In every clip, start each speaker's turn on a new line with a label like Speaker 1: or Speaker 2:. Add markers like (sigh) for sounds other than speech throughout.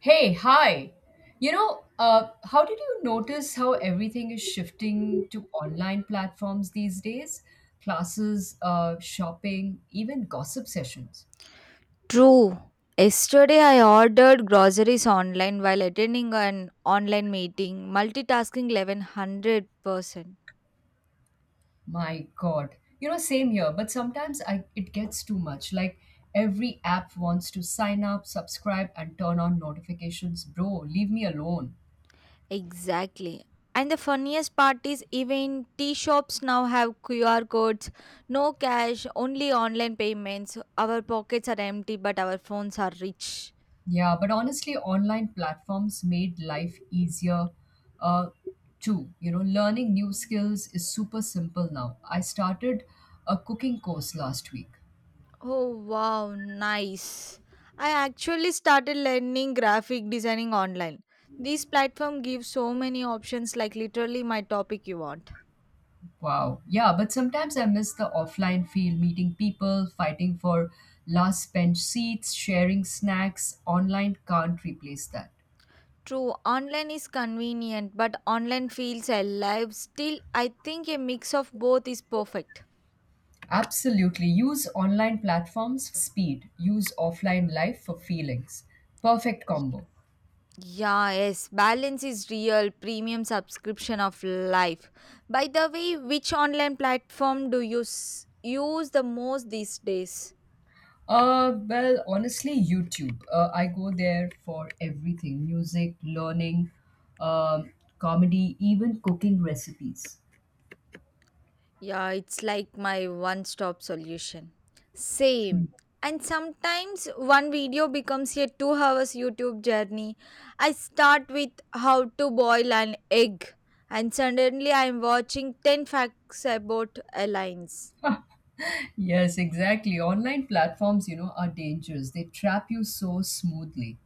Speaker 1: Hey, hi. You know, how did you notice how everything is shifting to online platforms these days? Classes, shopping, even gossip sessions.
Speaker 2: True. Yesterday, I ordered groceries online while attending an online meeting, multitasking 1100%.
Speaker 1: My God. You know, same here, but sometimes it gets too much. Like every app wants to sign up, subscribe, and turn on notifications. Bro, leave me alone.
Speaker 2: Exactly. And the funniest part is, even tea shops now have QR codes, no cash, only online payments. Our pockets are empty, but our phones are rich.
Speaker 1: Yeah, but honestly, online platforms made life easier uh, too. You know, learning new skills is super simple now. I started a cooking course last week.
Speaker 2: Oh wow, nice. I actually started learning graphic designing online. This platform gives so many options like literally my topic you want.
Speaker 1: Wow. Yeah, but sometimes I miss the offline feel, meeting people, fighting for last bench seats, sharing snacks. Online can't replace that.
Speaker 2: True, online is convenient, but online feels alive. Still, I think a mix of both is perfect.
Speaker 1: Absolutely. Use online platforms for speed, use offline life for feelings. Perfect combo.
Speaker 2: Yeah, yes, balance is real premium subscription of life. By the way, which online platform do you use the most these days?
Speaker 1: Honestly, YouTube. I go there for everything: music, learning, um, comedy, even cooking recipes.
Speaker 2: Yeah, it's like my one stop solution. Same. And sometimes one video becomes a 2 hours YouTube journey. I start with how to boil an egg, and suddenly I'm watching 10 facts about airlines.
Speaker 1: Yes, exactly. Online platforms, you know, are dangerous. They trap you so smoothly,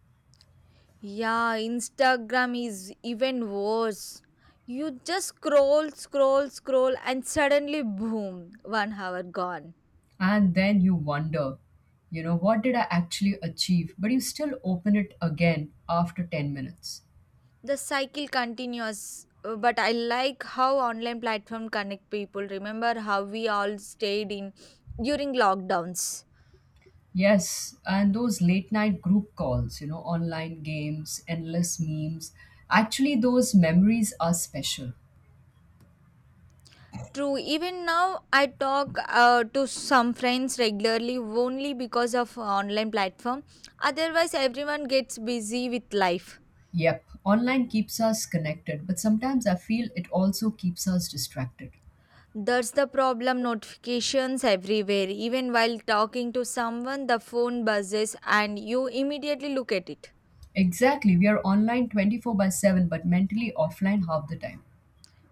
Speaker 2: Yeah, Instagram is even worse. You just scroll, scroll, scroll, and suddenly, boom, 1 hour gone.
Speaker 1: and then you wonder, you know, what did I actually achieve? But you still open it again after 10 minutes.
Speaker 2: The cycle continues. But I like how online platform connect people. Remember how we all stayed in during lockdowns.
Speaker 1: Yes, and those late night group calls, you know, online games, endless memes. Actually, those memories are special.
Speaker 2: True, even now I talk to some friends regularly only because of online platform. Otherwise everyone gets busy with life.
Speaker 1: Yep, online keeps us connected, but sometimes I feel it also keeps us distracted.
Speaker 2: That's the problem, notifications everywhere. Even while talking to someone the phone buzzes and you immediately look at it.
Speaker 1: Exactly, we are online 24 by 7, but mentally offline half the time.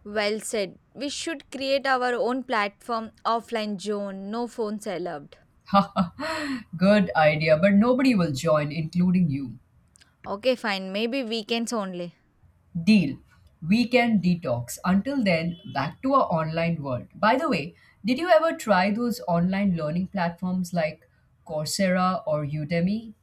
Speaker 2: Well said. We should create our own platform, offline zone, no phones allowed.
Speaker 1: (laughs) Good idea, but nobody will join, including you.
Speaker 2: Okay, fine. Maybe weekends only.
Speaker 1: Deal. Weekend detox. Until then, back to our online world. By the way, did you ever try those online learning platforms like Coursera or Udemy?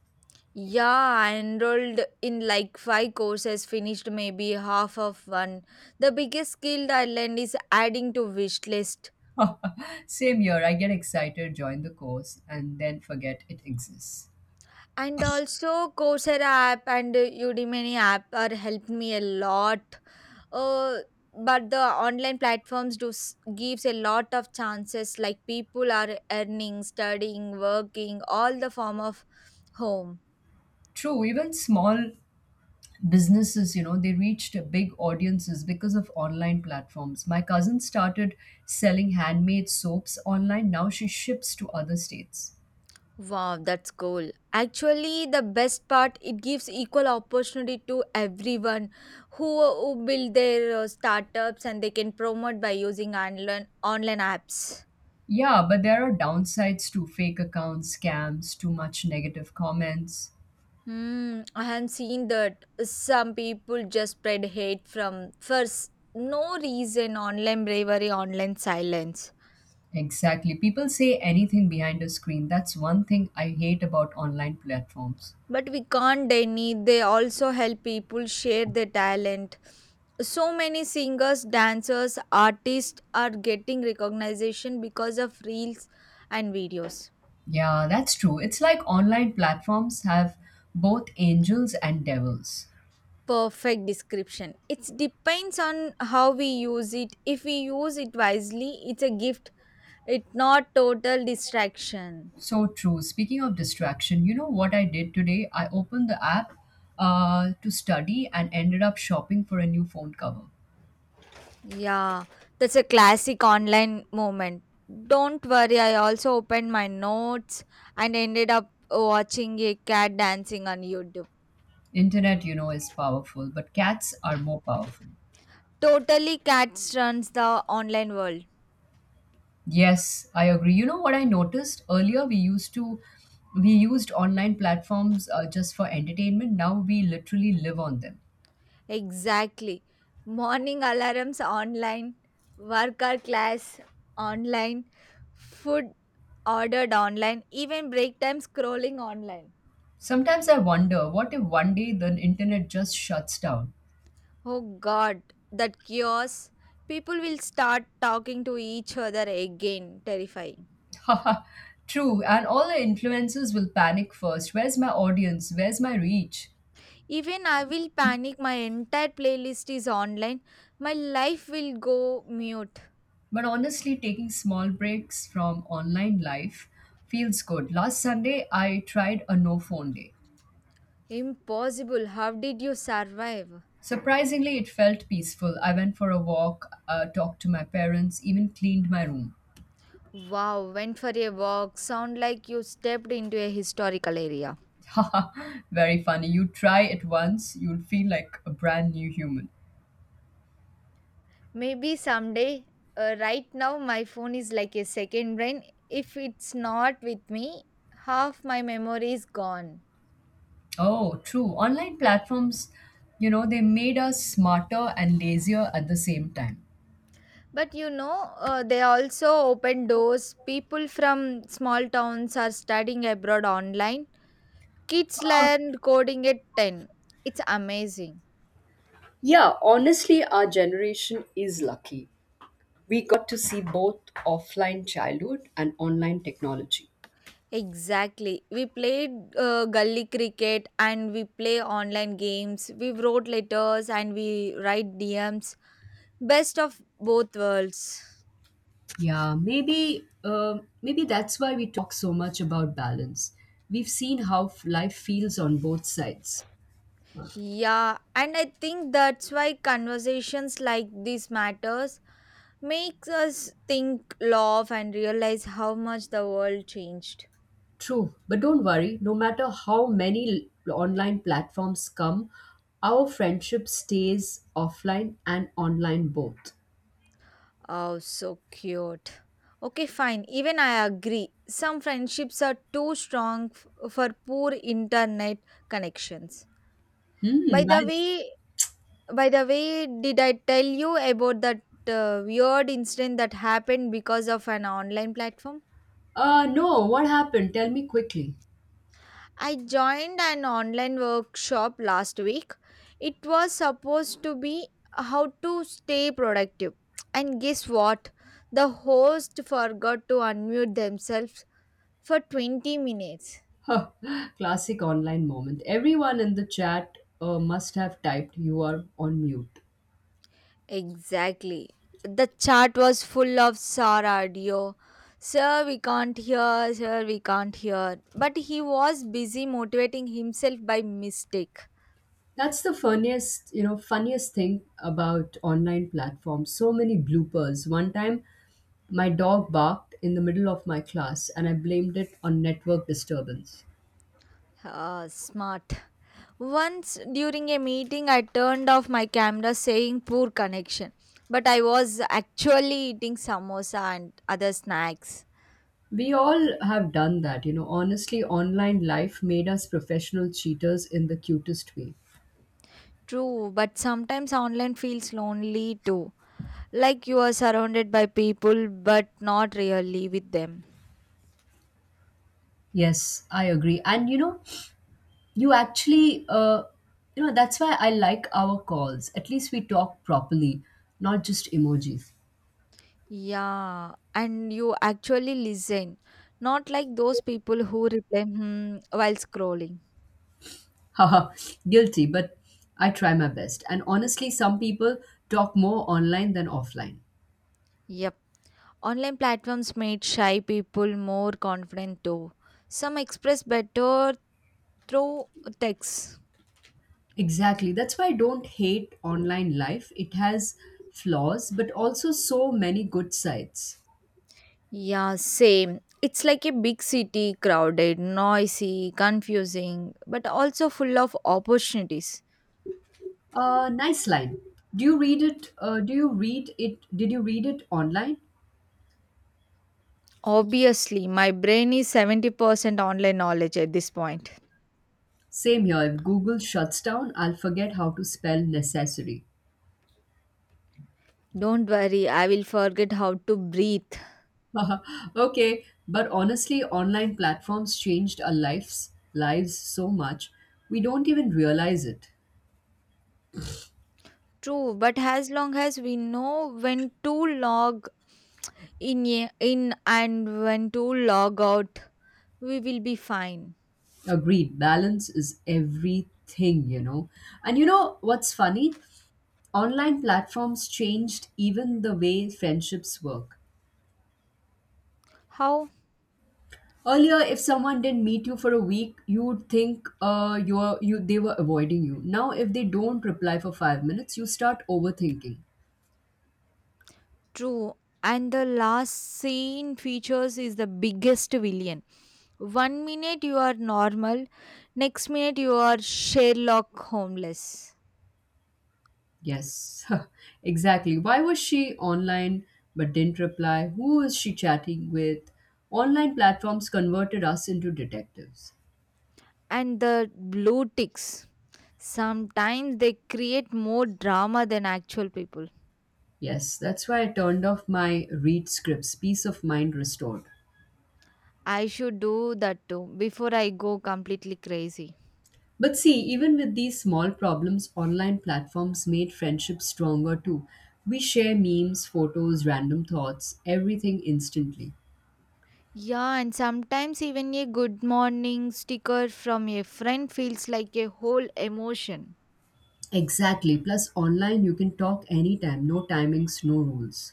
Speaker 2: Yeah, I enrolled in like five courses, finished maybe half of one. The biggest skill I learned is adding to wish list.
Speaker 1: (laughs) Same here. I get excited, join the course, and then forget it exists.
Speaker 2: And also Coursera app and Udemy app are helped me a lot. uh, but the online platforms do gives a lot of chances, like people are earning, studying, working all the form of home.
Speaker 1: True, even small businesses, you know, they reached big audiences because of online platforms. My cousin started selling handmade soaps online. Now she ships to other states.
Speaker 2: Wow, that's cool. Actually the best part, it gives equal opportunity to everyone who build their startups and they can promote by using online apps.
Speaker 1: Yeah, but there are downsides to fake accounts, scams, too much negative comments.
Speaker 2: Hmm, I have seen that some people just spread hate from first no reason. Online bravery, online silence.
Speaker 1: Exactly. People say anything behind a screen. That's one thing I hate about online platforms.
Speaker 2: But we can't deny they also help people share their talent. So many singers, dancers, artists are getting recognition because of reels and videos.
Speaker 1: Yeah, that's true. It's like online platforms have both angels and devils.
Speaker 2: Perfect description. It depends on how we use it. If we use it wisely, it's a gift. It's not total distraction.
Speaker 1: So true. Speaking of distraction, you know what I did today? I opened the app to study and ended up shopping for a new phone cover.
Speaker 2: Yeah, that's a classic online moment. Don't worry, I also opened my notes and ended up watching a cat dancing on YouTube.
Speaker 1: Internet, you know, is powerful, but cats are more powerful.
Speaker 2: Totally cats runs the online world.
Speaker 1: Yes, I agree. You know what I noticed earlier? We used online platforms just for entertainment. Now we literally live on them.
Speaker 2: Exactly. Morning alarms online, worker class online, food ordered online, even break time scrolling online.
Speaker 1: Sometimes I wonder what if one day the internet just shuts down.
Speaker 2: Oh god, that chaos. People will start talking to each other again. Terrifying.
Speaker 1: (laughs) Haha, true, and all the influencers will panic first. Where's my audience? Where's my reach?
Speaker 2: Even I will panic. My entire playlist is online. My life will go mute.
Speaker 1: But honestly, taking small breaks from online life feels good. Last Sunday, I tried a no phone day.
Speaker 2: Impossible. How did you survive?
Speaker 1: Surprisingly, it felt peaceful. I went for a walk, talked to my parents, even cleaned my room.
Speaker 2: Wow, went for a walk. Sound like you stepped into a historical area.
Speaker 1: (laughs) Haha, very funny. You try it once, you'll feel like a brand new human.
Speaker 2: Maybe someday. Right now, my phone is like a second brain. If it's not with me, half my memory is gone.
Speaker 1: Oh, true. Online platforms, you know, they made us smarter and lazier at the same time.
Speaker 2: But you know, they also open doors. People from small towns are studying abroad online. Kids learned coding at 10. It's amazing.
Speaker 1: Yeah, honestly, our generation is lucky. We got to see both offline childhood and online technology.
Speaker 2: Exactly. We played gully cricket and we play online games. We wrote letters and we write DMs. Best of both worlds.
Speaker 1: Yeah, maybe that's why we talk so much about balance. We've seen how life feels on both sides.
Speaker 2: Yeah, and I think that's why conversations like this matters. Makes us think, laugh, and realize how much the world changed.
Speaker 1: True, but don't worry, no matter how many online platforms come, our friendship stays offline and online both.
Speaker 2: Oh, so cute. Okay, fine. Even I agree. Some friendships are too strong for poor internet connections. By
Speaker 1: Hmm.
Speaker 2: the
Speaker 1: I-
Speaker 2: way, by the way, did I tell you about that weird incident that happened because of an online platform?
Speaker 1: No, what happened? Tell me quickly.
Speaker 2: I joined an online workshop last week. It was supposed to be how to stay productive. And guess what? The host forgot to unmute themselves for 20 minutes.
Speaker 1: Huh, classic online moment. Everyone in the chat must have typed, "You are on mute."
Speaker 2: Exactly. The chat was full of SAR audio. Sir, we can't hear, sir, we can't hear. But he was busy motivating himself by mistake.
Speaker 1: That's the funniest, you know, funniest thing about online platforms. So many bloopers. One time, my dog barked in the middle of my class, and I blamed it on network disturbance.
Speaker 2: Ah, smart. Once during a meeting, I turned off my camera saying poor connection, but I was actually eating samosa and other snacks.
Speaker 1: We all have done that, you know. Honestly, online life made us professional cheaters in the cutest way.
Speaker 2: True, but sometimes online feels lonely too. Like you are surrounded by people, but not really with them.
Speaker 1: Yes, I agree. And you know, you actually, uh, you know, that's why I like our calls. At least we talk properly, not just emojis.
Speaker 2: Yeah, and you actually listen, not like those people who reply hmm, while scrolling.
Speaker 1: Haha, guilty, but I try my best. And honestly, some people talk more online than offline.
Speaker 2: Yep, online platforms made shy people more confident too. Some express better through text.
Speaker 1: Exactly. That's why I don't hate online life. It has flaws, but also so many good sides.
Speaker 2: Yeah, same. It's like a big city, crowded, noisy, confusing, but also full of opportunities.
Speaker 1: Nice line. Do you read it? Do you read it? Did you read it online?
Speaker 2: Obviously, my brain is 70% online knowledge at this point.
Speaker 1: Same here. If Google shuts down, I'll forget how to spell necessary.
Speaker 2: Don't worry, I will forget how to breathe.
Speaker 1: (laughs) okay, but honestly, online platforms changed our lives so much we don't even realize it.
Speaker 2: True, but as long as we know when to log in, and when to log out, we will be fine.
Speaker 1: Agreed, balance is everything, you know. And you know what's funny? Online platforms changed even the way friendships work.
Speaker 2: How?
Speaker 1: Earlier, if someone didn't meet you for a week, you'd think you're you they were avoiding you. Now, if they don't reply for 5 minutes, you start overthinking.
Speaker 2: True. And the last scene features is the biggest villain. 1 minute you are normal, next minute you are Sherlock Homeless.
Speaker 1: Yes, (laughs) exactly. Why was she online but didn't reply? Who was she chatting with? Online platforms converted us into detectives.
Speaker 2: And the blue ticks. Sometimes they create more drama than actual people.
Speaker 1: Yes, that's why I turned off my read scripts, peace of mind restored.
Speaker 2: I should do that too before I go completely crazy.
Speaker 1: But see, even with these small problems, online platforms made friendships stronger too. We share memes, photos, random thoughts, everything instantly.
Speaker 2: Yeah, and sometimes even a good morning sticker from a friend feels like a whole emotion.
Speaker 1: Exactly. Plus, online you can talk anytime, no timings, no rules.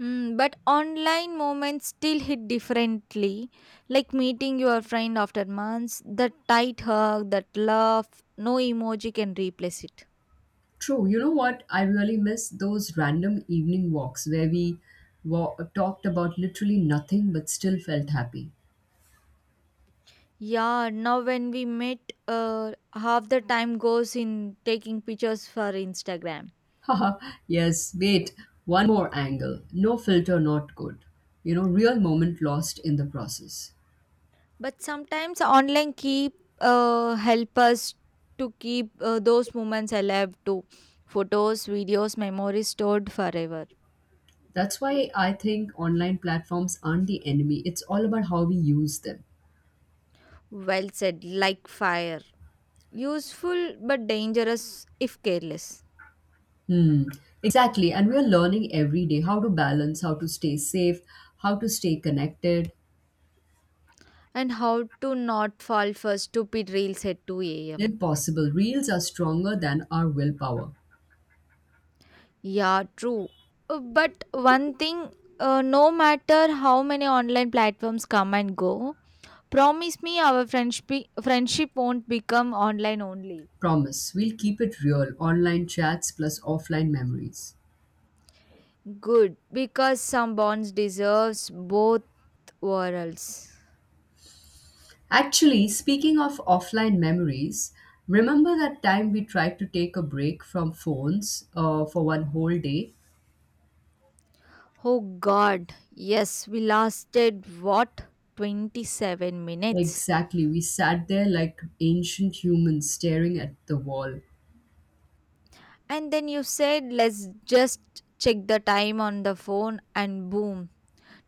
Speaker 2: Mm, but online moments still hit differently, like meeting your friend after months, that tight hug, that laugh, no emoji can replace it.
Speaker 1: True. You know what? I really miss those random evening walks where we talked about literally nothing but still felt happy.
Speaker 2: Yeah, now when we meet, half the time goes in taking pictures for Instagram.
Speaker 1: (laughs) Haha, yes, wait, one more angle. No filter, not good. You know, real moment lost in the process.
Speaker 2: But sometimes online keep help us to keep those moments alive too. Photos, videos, memories stored forever.
Speaker 1: That's why I think online platforms aren't the enemy. It's all about how we use them.
Speaker 2: Well said, like fire. Useful but dangerous if careless.
Speaker 1: Hmm. Exactly. And we're learning every day how to balance, how to stay safe, how to stay connected.
Speaker 2: And how to not fall for stupid reels at 2 a.m.
Speaker 1: Impossible. Reels are stronger than our willpower.
Speaker 2: Yeah, true. But one thing, no matter how many online platforms come and go, promise me our friendship won't become online only.
Speaker 1: Promise, we'll keep it real online chats plus offline memories.
Speaker 2: Good, because some bonds deserves both worlds.
Speaker 1: Actually, speaking of offline memories, remember that time we tried to take a break from phones for one whole day?
Speaker 2: Oh God, yes, we lasted what, 27 minutes.
Speaker 1: Exactly, we sat there like ancient humans staring at the wall.
Speaker 2: And then you said, let's just check the time on the phone, and boom,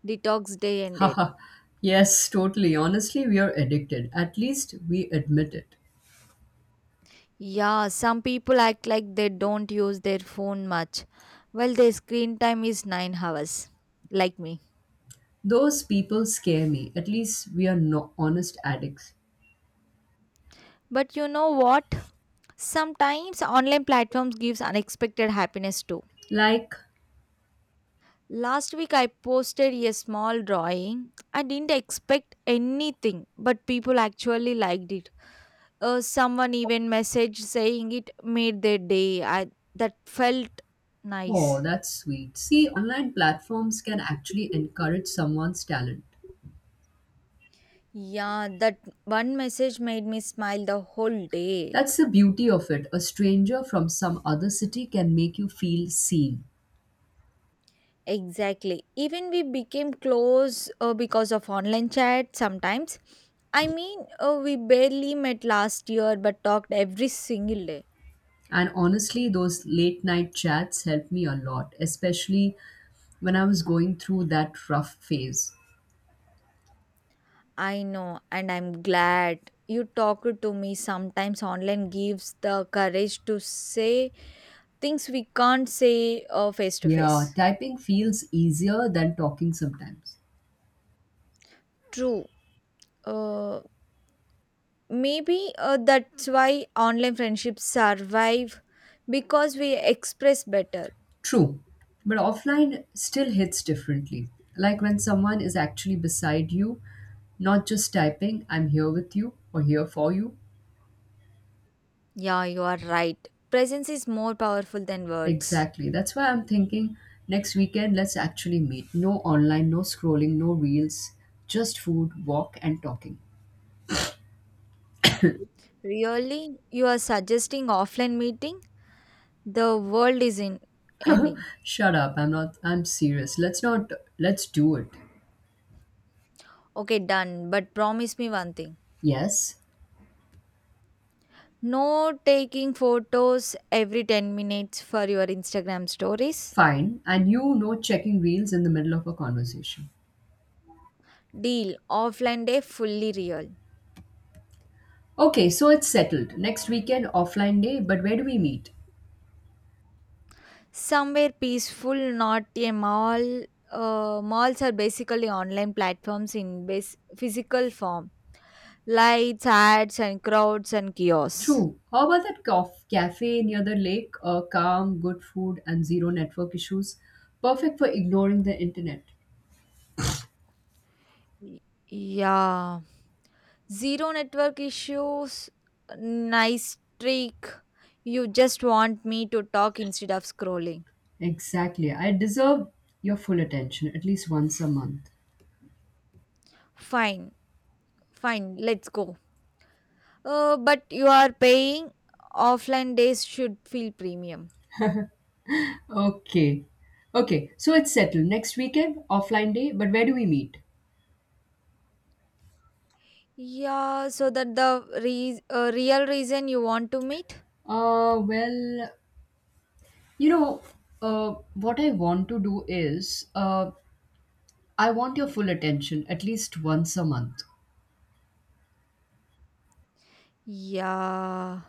Speaker 2: detox day
Speaker 1: (laughs)
Speaker 2: ended.
Speaker 1: Haha, yes, totally. Honestly, we are addicted. At least we admit it.
Speaker 2: Yeah, some people act like they don't use their phone much. Well, their screen time is 9 hours, like me.
Speaker 1: Those people scare me. At least we are no honest addicts.
Speaker 2: But you know what? Sometimes online platforms gives unexpected happiness too.
Speaker 1: Like
Speaker 2: Last week I posted a small drawing. I didn't expect anything, but people actually liked it. Someone even message saying it made their day. I That felt
Speaker 1: oh,
Speaker 2: nice.
Speaker 1: that's sweet. See, online platforms can actually encourage someone's talent.
Speaker 2: Yeah, that one message made me smile the whole day.
Speaker 1: That's the beauty of it. A stranger from some other city can make you feel seen.
Speaker 2: Exactly. Even we became close because of online chat sometimes. I mean, we barely met last year but talked every single day.
Speaker 1: And honestly, those late night chats helped me a lot, especially when I was going through that rough phase.
Speaker 2: I know, and I'm glad you talked to me. Sometimes online gives the courage to say things we can't say face to
Speaker 1: Yeah,
Speaker 2: face.
Speaker 1: typing feels easier than talking sometimes.
Speaker 2: True. Uh, maybe that's why online friendships survive because we express better.
Speaker 1: True. But offline still hits differently. Like when someone is actually beside you, not just typing, I'm here with you or here for you.
Speaker 2: Yeah, you are right. Presence is more powerful than words.
Speaker 1: Exactly. That's why I'm thinking next weekend, let's actually meet. No online, no scrolling, no reels, just food, walk, and talking. (laughs)
Speaker 2: Really? You are suggesting offline meeting? The world is in ending.
Speaker 1: Shut up. I'm serious. Let's not, let's do it.
Speaker 2: Okay, done. But promise me one thing.
Speaker 1: Yes,
Speaker 2: No taking photos every 10 minutes for your Instagram stories.
Speaker 1: fine. And you know, checking reels in the middle of a conversation.
Speaker 2: Deal. Offline day fully real.
Speaker 1: Okay, so it's settled. Next weekend, offline day, but where do we meet?
Speaker 2: Somewhere peaceful, not a mall. Malls are basically online platforms in physical form. Lights, ads, and crowds and kiosks.
Speaker 1: True. How about that cafe near the lake? Calm, good food, and zero network issues. Perfect for ignoring the internet.
Speaker 2: Y- Yeah. Zero network issues. Nice trick. You just want me to talk instead of scrolling.
Speaker 1: Exactly. I deserve your full attention at least once a month.
Speaker 2: Fine. Fine. Let's go. But you are paying. Offline days should feel premium.
Speaker 1: Okay. Okay. So it's settled. Next weekend, offline day, but where do we meet?
Speaker 2: Yeah, so that the real reason you want to meet?
Speaker 1: Uh, well, you know, what I want to do is I want your full attention at least once a month.
Speaker 2: Yeah.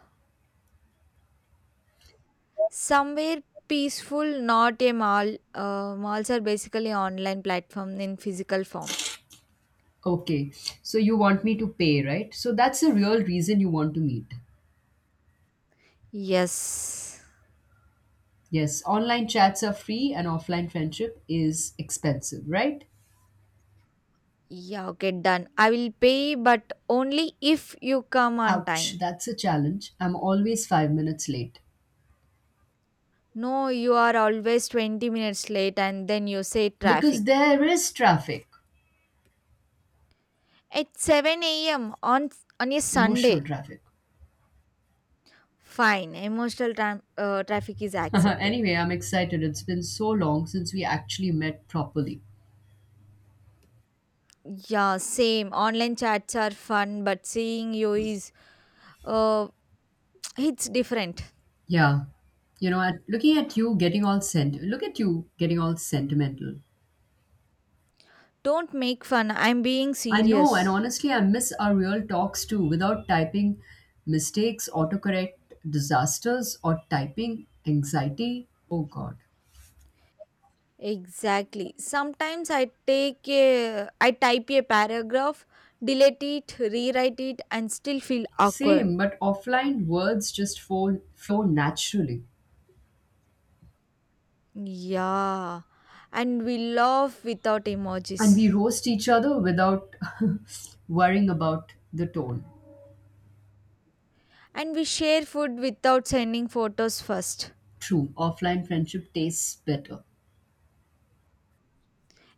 Speaker 2: Somewhere peaceful, not a mall. Malls are basically online platform in physical form.
Speaker 1: Okay. So you want me to pay, right? So that's the real reason you want to meet.
Speaker 2: Yes.
Speaker 1: Yes, online chats are free and offline friendship is expensive, right?
Speaker 2: Yeah, okay, done. I will pay, but only if you come on
Speaker 1: Ouch,
Speaker 2: time.
Speaker 1: that's a challenge. I'm always 5 minutes late
Speaker 2: No, you are always 20 minutes late and then you say
Speaker 1: because
Speaker 2: traffic.
Speaker 1: there is traffic,
Speaker 2: At 7 a.m. On a Sunday.
Speaker 1: emotional traffic.
Speaker 2: Fine, emotional traffic is
Speaker 1: (laughs)
Speaker 2: accepted.
Speaker 1: anyway, I'm excited. It's been so long since we actually met properly.
Speaker 2: Yeah, same. Online chats are fun, but seeing you is uh (tsk) it's different.
Speaker 1: Yeah, you know, at, looking at you getting all sent, look at you getting all sentimental.
Speaker 2: Don't make fun. I'm being
Speaker 1: I know, and
Speaker 2: serious.
Speaker 1: honestly, I miss our real talks too without typing mistakes, autocorrect disasters, or typing anxiety. Oh God.
Speaker 2: Exactly. Sometimes I type a paragraph, delete it, rewrite it and still feel awkward.
Speaker 1: Same, but offline words just flow naturally.
Speaker 2: Yeah. And we laugh without emojis.
Speaker 1: And we roast each other without (laughs) worrying about the tone.
Speaker 2: And we share food without sending photos first.
Speaker 1: True, offline friendship tastes better.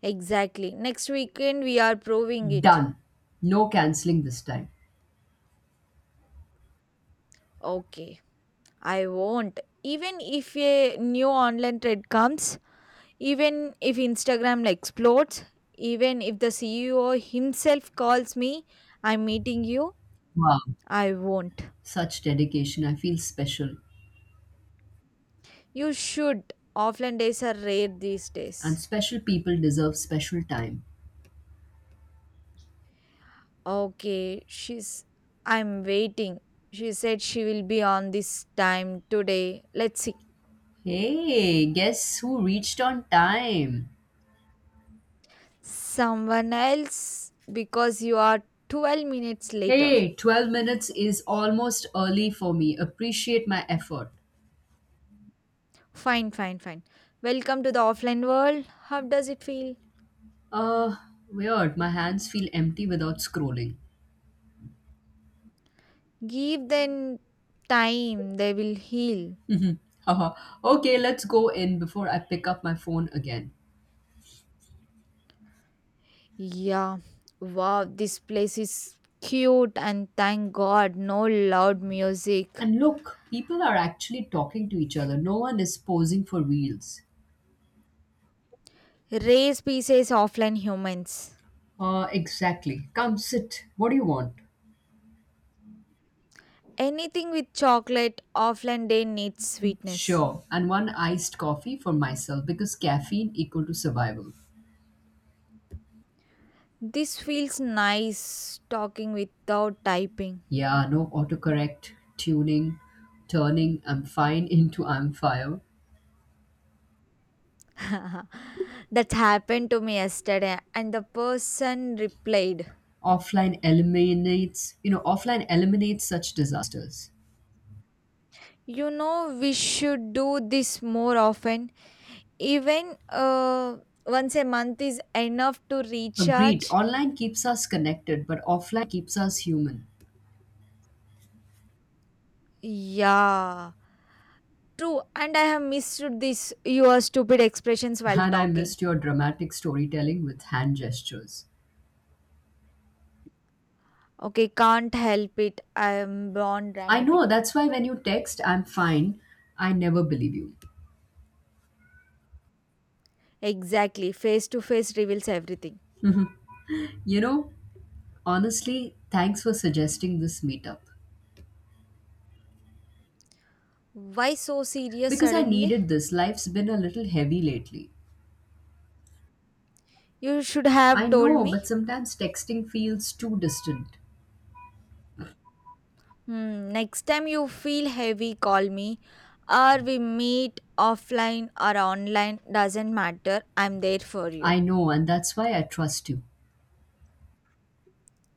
Speaker 2: Exactly. Next weekend we are proving it.
Speaker 1: Done. No canceling this time.
Speaker 2: Okay. I won't. Even if a new online trend comes, even if Instagram explodes, even if the CEO himself calls me, I'm meeting you,
Speaker 1: Wow,
Speaker 2: I won't.
Speaker 1: such dedication. I feel special.
Speaker 2: You should. Offline days are rare these
Speaker 1: And
Speaker 2: days.
Speaker 1: special people deserve special time.
Speaker 2: Okay, she's. I'm waiting. She said she will be on this time today. Let's see.
Speaker 1: Hey, guess who reached on time?
Speaker 2: Someone else, because you are 12 minutes later.
Speaker 1: Hey, 12 minutes is almost early for me. Appreciate my effort.
Speaker 2: Fine, fine, fine. Welcome to the offline world. How does it feel?
Speaker 1: Uh, weird. My hands feel empty without scrolling.
Speaker 2: Give them time, they will heal.
Speaker 1: Haha. Okay, let's go in before I pick up my phone again.
Speaker 2: Yeah, wow, this place is cute and thank God, no loud music.
Speaker 1: And look, people are actually talking to each other. No one is posing for reels.
Speaker 2: Raise pieces, offline humans.
Speaker 1: Exactly. Come sit. What do you want?
Speaker 2: Anything with chocolate, offline day needs sweetness.
Speaker 1: Sure. And one iced coffee for myself because caffeine equal to survival.
Speaker 2: This feels nice talking without typing.
Speaker 1: Yeah, no turning "I'm fine" (laughs) into "I'm fire."
Speaker 2: (laughs) That happened to me yesterday, and the person replied.
Speaker 1: Offline eliminates such disasters.
Speaker 2: You know, we should do this more often. Even once a month is enough to
Speaker 1: Agreed.
Speaker 2: recharge.
Speaker 1: Online keeps us connected, but offline keeps us human.
Speaker 2: Yeah, true. And I have missed this, your stupid expressions while
Speaker 1: And I
Speaker 2: talking.
Speaker 1: missed your dramatic storytelling with hand gestures.
Speaker 2: Okay, can't help it. I am born
Speaker 1: I
Speaker 2: dramatic.
Speaker 1: know, that's why when you text, "I'm fine," I never believe you.
Speaker 2: Exactly. Face to face reveals everything.
Speaker 1: You know, honestly, thanks for suggesting this meetup.
Speaker 2: Why so serious
Speaker 1: Because I
Speaker 2: suddenly?
Speaker 1: needed this, life's been a little heavy lately.
Speaker 2: You should
Speaker 1: I
Speaker 2: have told
Speaker 1: know, but
Speaker 2: me.
Speaker 1: sometimes texting feels too distant.
Speaker 2: Hmm, next time you feel heavy, call me or we meet offline or online, doesn't matter. I'm there for
Speaker 1: I
Speaker 2: you.
Speaker 1: know, and that's why I trust you.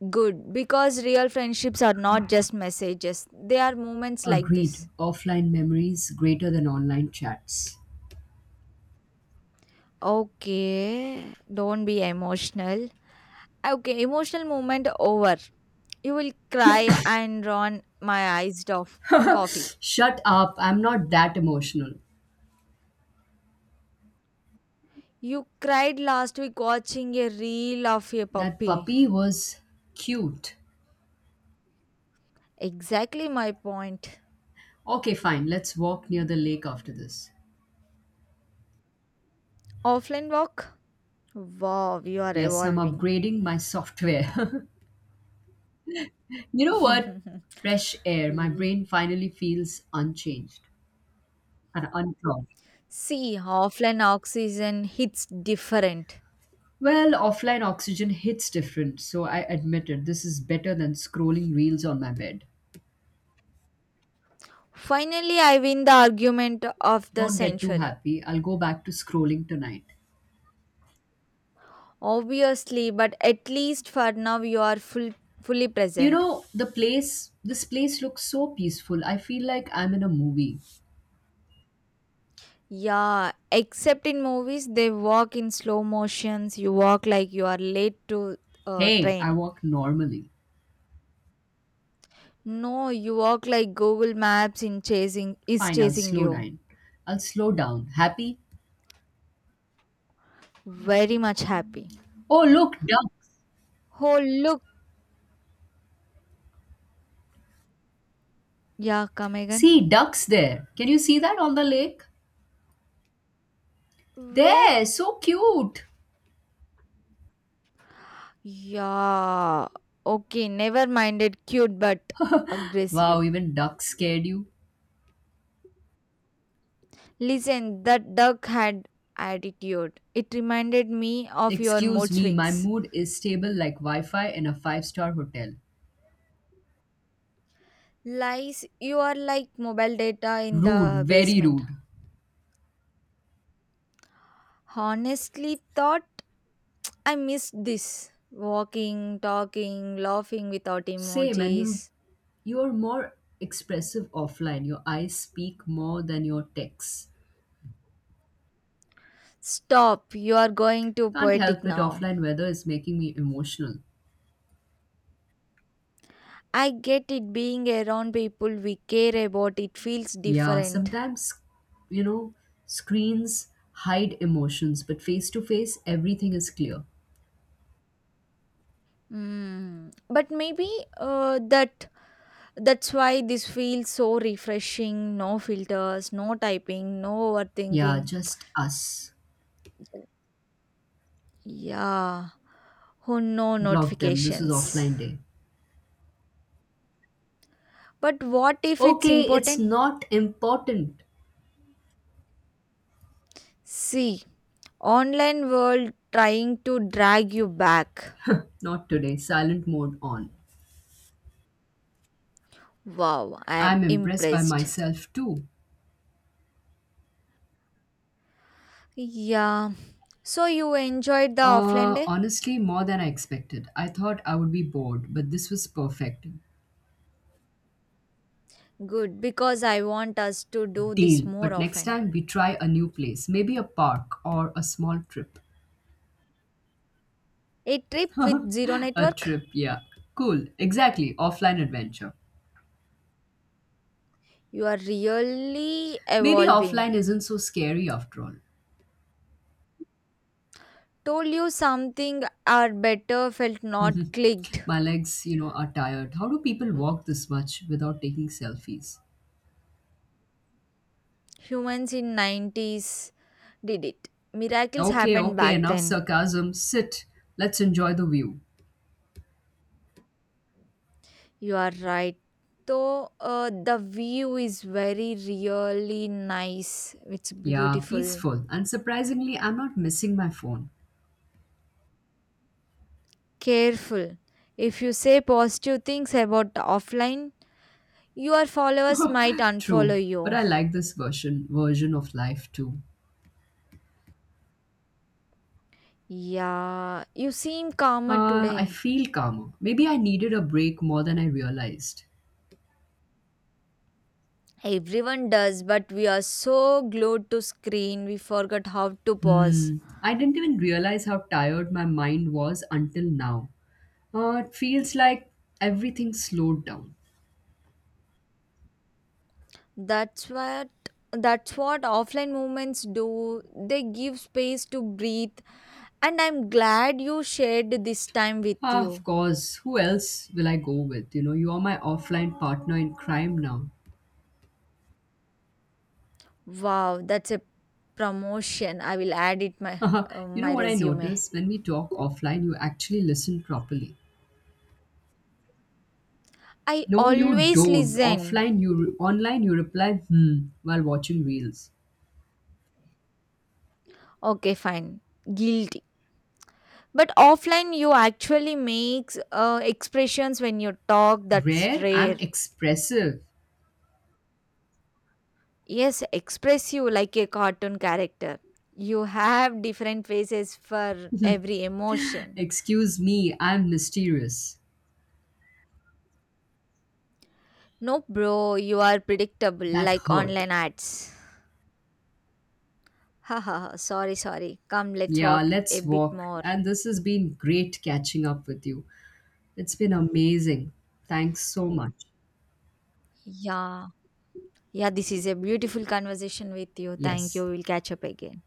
Speaker 2: Good, because real friendships are not just messages, they are moments like
Speaker 1: Agreed,
Speaker 2: this.
Speaker 1: offline memories greater than online chats.
Speaker 2: Okay, don't be emotional. Okay, emotional moment over. You will cry and run my eyes off.
Speaker 1: (laughs)
Speaker 2: Coffee.
Speaker 1: Shut up, I'm not that emotional.
Speaker 2: You cried last week watching a reel of a
Speaker 1: That
Speaker 2: puppy.
Speaker 1: puppy was cute.
Speaker 2: Exactly my point.
Speaker 1: Okay, fine. Let's walk near the lake after this.
Speaker 2: Offline walk? Wow, you are
Speaker 1: Yes, I'm
Speaker 2: evolving.
Speaker 1: upgrading my software. (laughs) you know
Speaker 2: (laughs)
Speaker 1: what? Fresh air. My
Speaker 2: See,
Speaker 1: brain finally feels unchanged and unclogged.
Speaker 2: See, offline oxygen hits different.
Speaker 1: Well, offline oxygen hits different, so I admit it. This is better than scrolling reels on my bed.
Speaker 2: Finally, I win the argument of the
Speaker 1: Don't get too
Speaker 2: century.
Speaker 1: happy. I'll go back to scrolling tonight.
Speaker 2: Obviously, but at least for now, you are fully
Speaker 1: You
Speaker 2: present.
Speaker 1: know, this place looks so peaceful. I feel like I'm in a movie.
Speaker 2: Yeah, except in movies, they walk in slow motions. You walk like you are late to
Speaker 1: Hey, I
Speaker 2: train.
Speaker 1: walk normally.
Speaker 2: No, you walk like Google Maps in chasing is
Speaker 1: Fine,
Speaker 2: chasing you.
Speaker 1: I'll slow down. Happy?
Speaker 2: Very much happy.
Speaker 1: Oh, look, ducks.
Speaker 2: Oh, look. Yeah, come again.
Speaker 1: See, ducks there. Can you see that on the lake?
Speaker 2: Where?
Speaker 1: There, so cute.
Speaker 2: Yeah. Okay, never mind it. Cute but
Speaker 1: Wow,
Speaker 2: aggressive.
Speaker 1: even ducks scared you.
Speaker 2: Listen, that duck had attitude. It reminded me of your
Speaker 1: Excuse
Speaker 2: mood
Speaker 1: me, my
Speaker 2: swings.
Speaker 1: mood is stable like Wi Fi in a five-star hotel.
Speaker 2: Lies, you are like mobile data in
Speaker 1: Rude,
Speaker 2: the
Speaker 1: very
Speaker 2: basement.
Speaker 1: rude.
Speaker 2: Honestly, thought I missed this. Walking, talking, laughing without
Speaker 1: Same, and you
Speaker 2: emojis.
Speaker 1: you're more expressive offline. Your eyes speak more than your texts.
Speaker 2: Stop, you are going too
Speaker 1: Can't
Speaker 2: poetic
Speaker 1: help it,
Speaker 2: now.
Speaker 1: offline weather is making me emotional.
Speaker 2: I get it, being around people we care about it feels
Speaker 1: Yeah,
Speaker 2: different.
Speaker 1: sometimes, you know, screens hide emotions, but face to face, everything is clear.
Speaker 2: Mm. But maybe uh, that that's why this feels so refreshing. No filters, no typing, no
Speaker 1: Yeah,
Speaker 2: overthinking.
Speaker 1: just us.
Speaker 2: Yeah. Oh no
Speaker 1: Block them. This is
Speaker 2: notifications.
Speaker 1: offline day.
Speaker 2: But what if it's
Speaker 1: Okay, it's
Speaker 2: important?
Speaker 1: not important.
Speaker 2: See, online world trying to drag you back.
Speaker 1: Not today. Silent mode on.
Speaker 2: Wow, I am
Speaker 1: I'm impressed by
Speaker 2: impressed.
Speaker 1: myself too.
Speaker 2: Yeah. So you enjoyed the offline day?
Speaker 1: Honestly, more than I expected. I thought I would be bored, but this was perfect.
Speaker 2: Good, because I want us to do this
Speaker 1: Deal.
Speaker 2: more
Speaker 1: But next
Speaker 2: often.
Speaker 1: time we try a new place, maybe a park or a small trip.
Speaker 2: A trip with zero
Speaker 1: (laughs) a
Speaker 2: network?
Speaker 1: trip, yeah. Cool. Exactly. Offline adventure.
Speaker 2: You are really
Speaker 1: Maybe
Speaker 2: evolving.
Speaker 1: offline isn't so scary after all.
Speaker 2: Told you something or better felt not clicked.
Speaker 1: My legs, you know, are tired. How do people
Speaker 2: Mm.
Speaker 1: walk this much without taking selfies?
Speaker 2: Humans in 90's did it. Miracles
Speaker 1: Okay,
Speaker 2: happened
Speaker 1: okay,
Speaker 2: back
Speaker 1: enough
Speaker 2: then.
Speaker 1: sarcasm. Sit. Let's enjoy the view.
Speaker 2: You are right. Though the view is very really nice. It's
Speaker 1: Yeah,
Speaker 2: beautiful.
Speaker 1: peaceful. And surprisingly, I'm not missing my phone.
Speaker 2: Careful. If you say positive things about offline, your followers might
Speaker 1: (laughs) True,
Speaker 2: unfollow
Speaker 1: but
Speaker 2: you.
Speaker 1: I like this version of life too.
Speaker 2: Yeah, you seem calmer
Speaker 1: I
Speaker 2: today.
Speaker 1: feel calmer. Maybe I needed a break more than I realized.
Speaker 2: Everyone does, but we are so glued to screen we forgot how to pause.
Speaker 1: Hmm. I didn't even realize how tired my mind was until now. It feels like everything slowed down.
Speaker 2: That's what that's what offline movements do. They give space to breathe and I'm glad you shared this time with
Speaker 1: Ah, of
Speaker 2: you.
Speaker 1: course. Who else will I go with? You know, you are my offline partner in crime now.
Speaker 2: Wow, that's a promotion. I will add it
Speaker 1: (laughs) you know
Speaker 2: my
Speaker 1: what I
Speaker 2: resume.
Speaker 1: notice? When we talk offline, you actually listen properly.
Speaker 2: I
Speaker 1: No, you
Speaker 2: always
Speaker 1: don't.
Speaker 2: listen.
Speaker 1: Online, you reply hmm while watching reels.
Speaker 2: Okay, fine. Guilty. But offline you actually makes expressions when you talk, that's
Speaker 1: Rare, I'm
Speaker 2: rare.
Speaker 1: expressive.
Speaker 2: Yes, express you like a cartoon character, you have different faces for every
Speaker 1: (laughs)
Speaker 2: emotion.
Speaker 1: Excuse me, I'm mysterious.
Speaker 2: No bro, you are predictable
Speaker 1: That
Speaker 2: like
Speaker 1: hurt.
Speaker 2: online ads. Haha, sorry, sorry, come, let's
Speaker 1: Yeah,
Speaker 2: walk a
Speaker 1: let's
Speaker 2: bit
Speaker 1: walk.
Speaker 2: more.
Speaker 1: And this has been great catching up with you. It's been amazing. Thanks so much.
Speaker 2: Yeah, yeah, this is a beautiful conversation with you, thank you,
Speaker 1: Yes.
Speaker 2: we'll catch up again.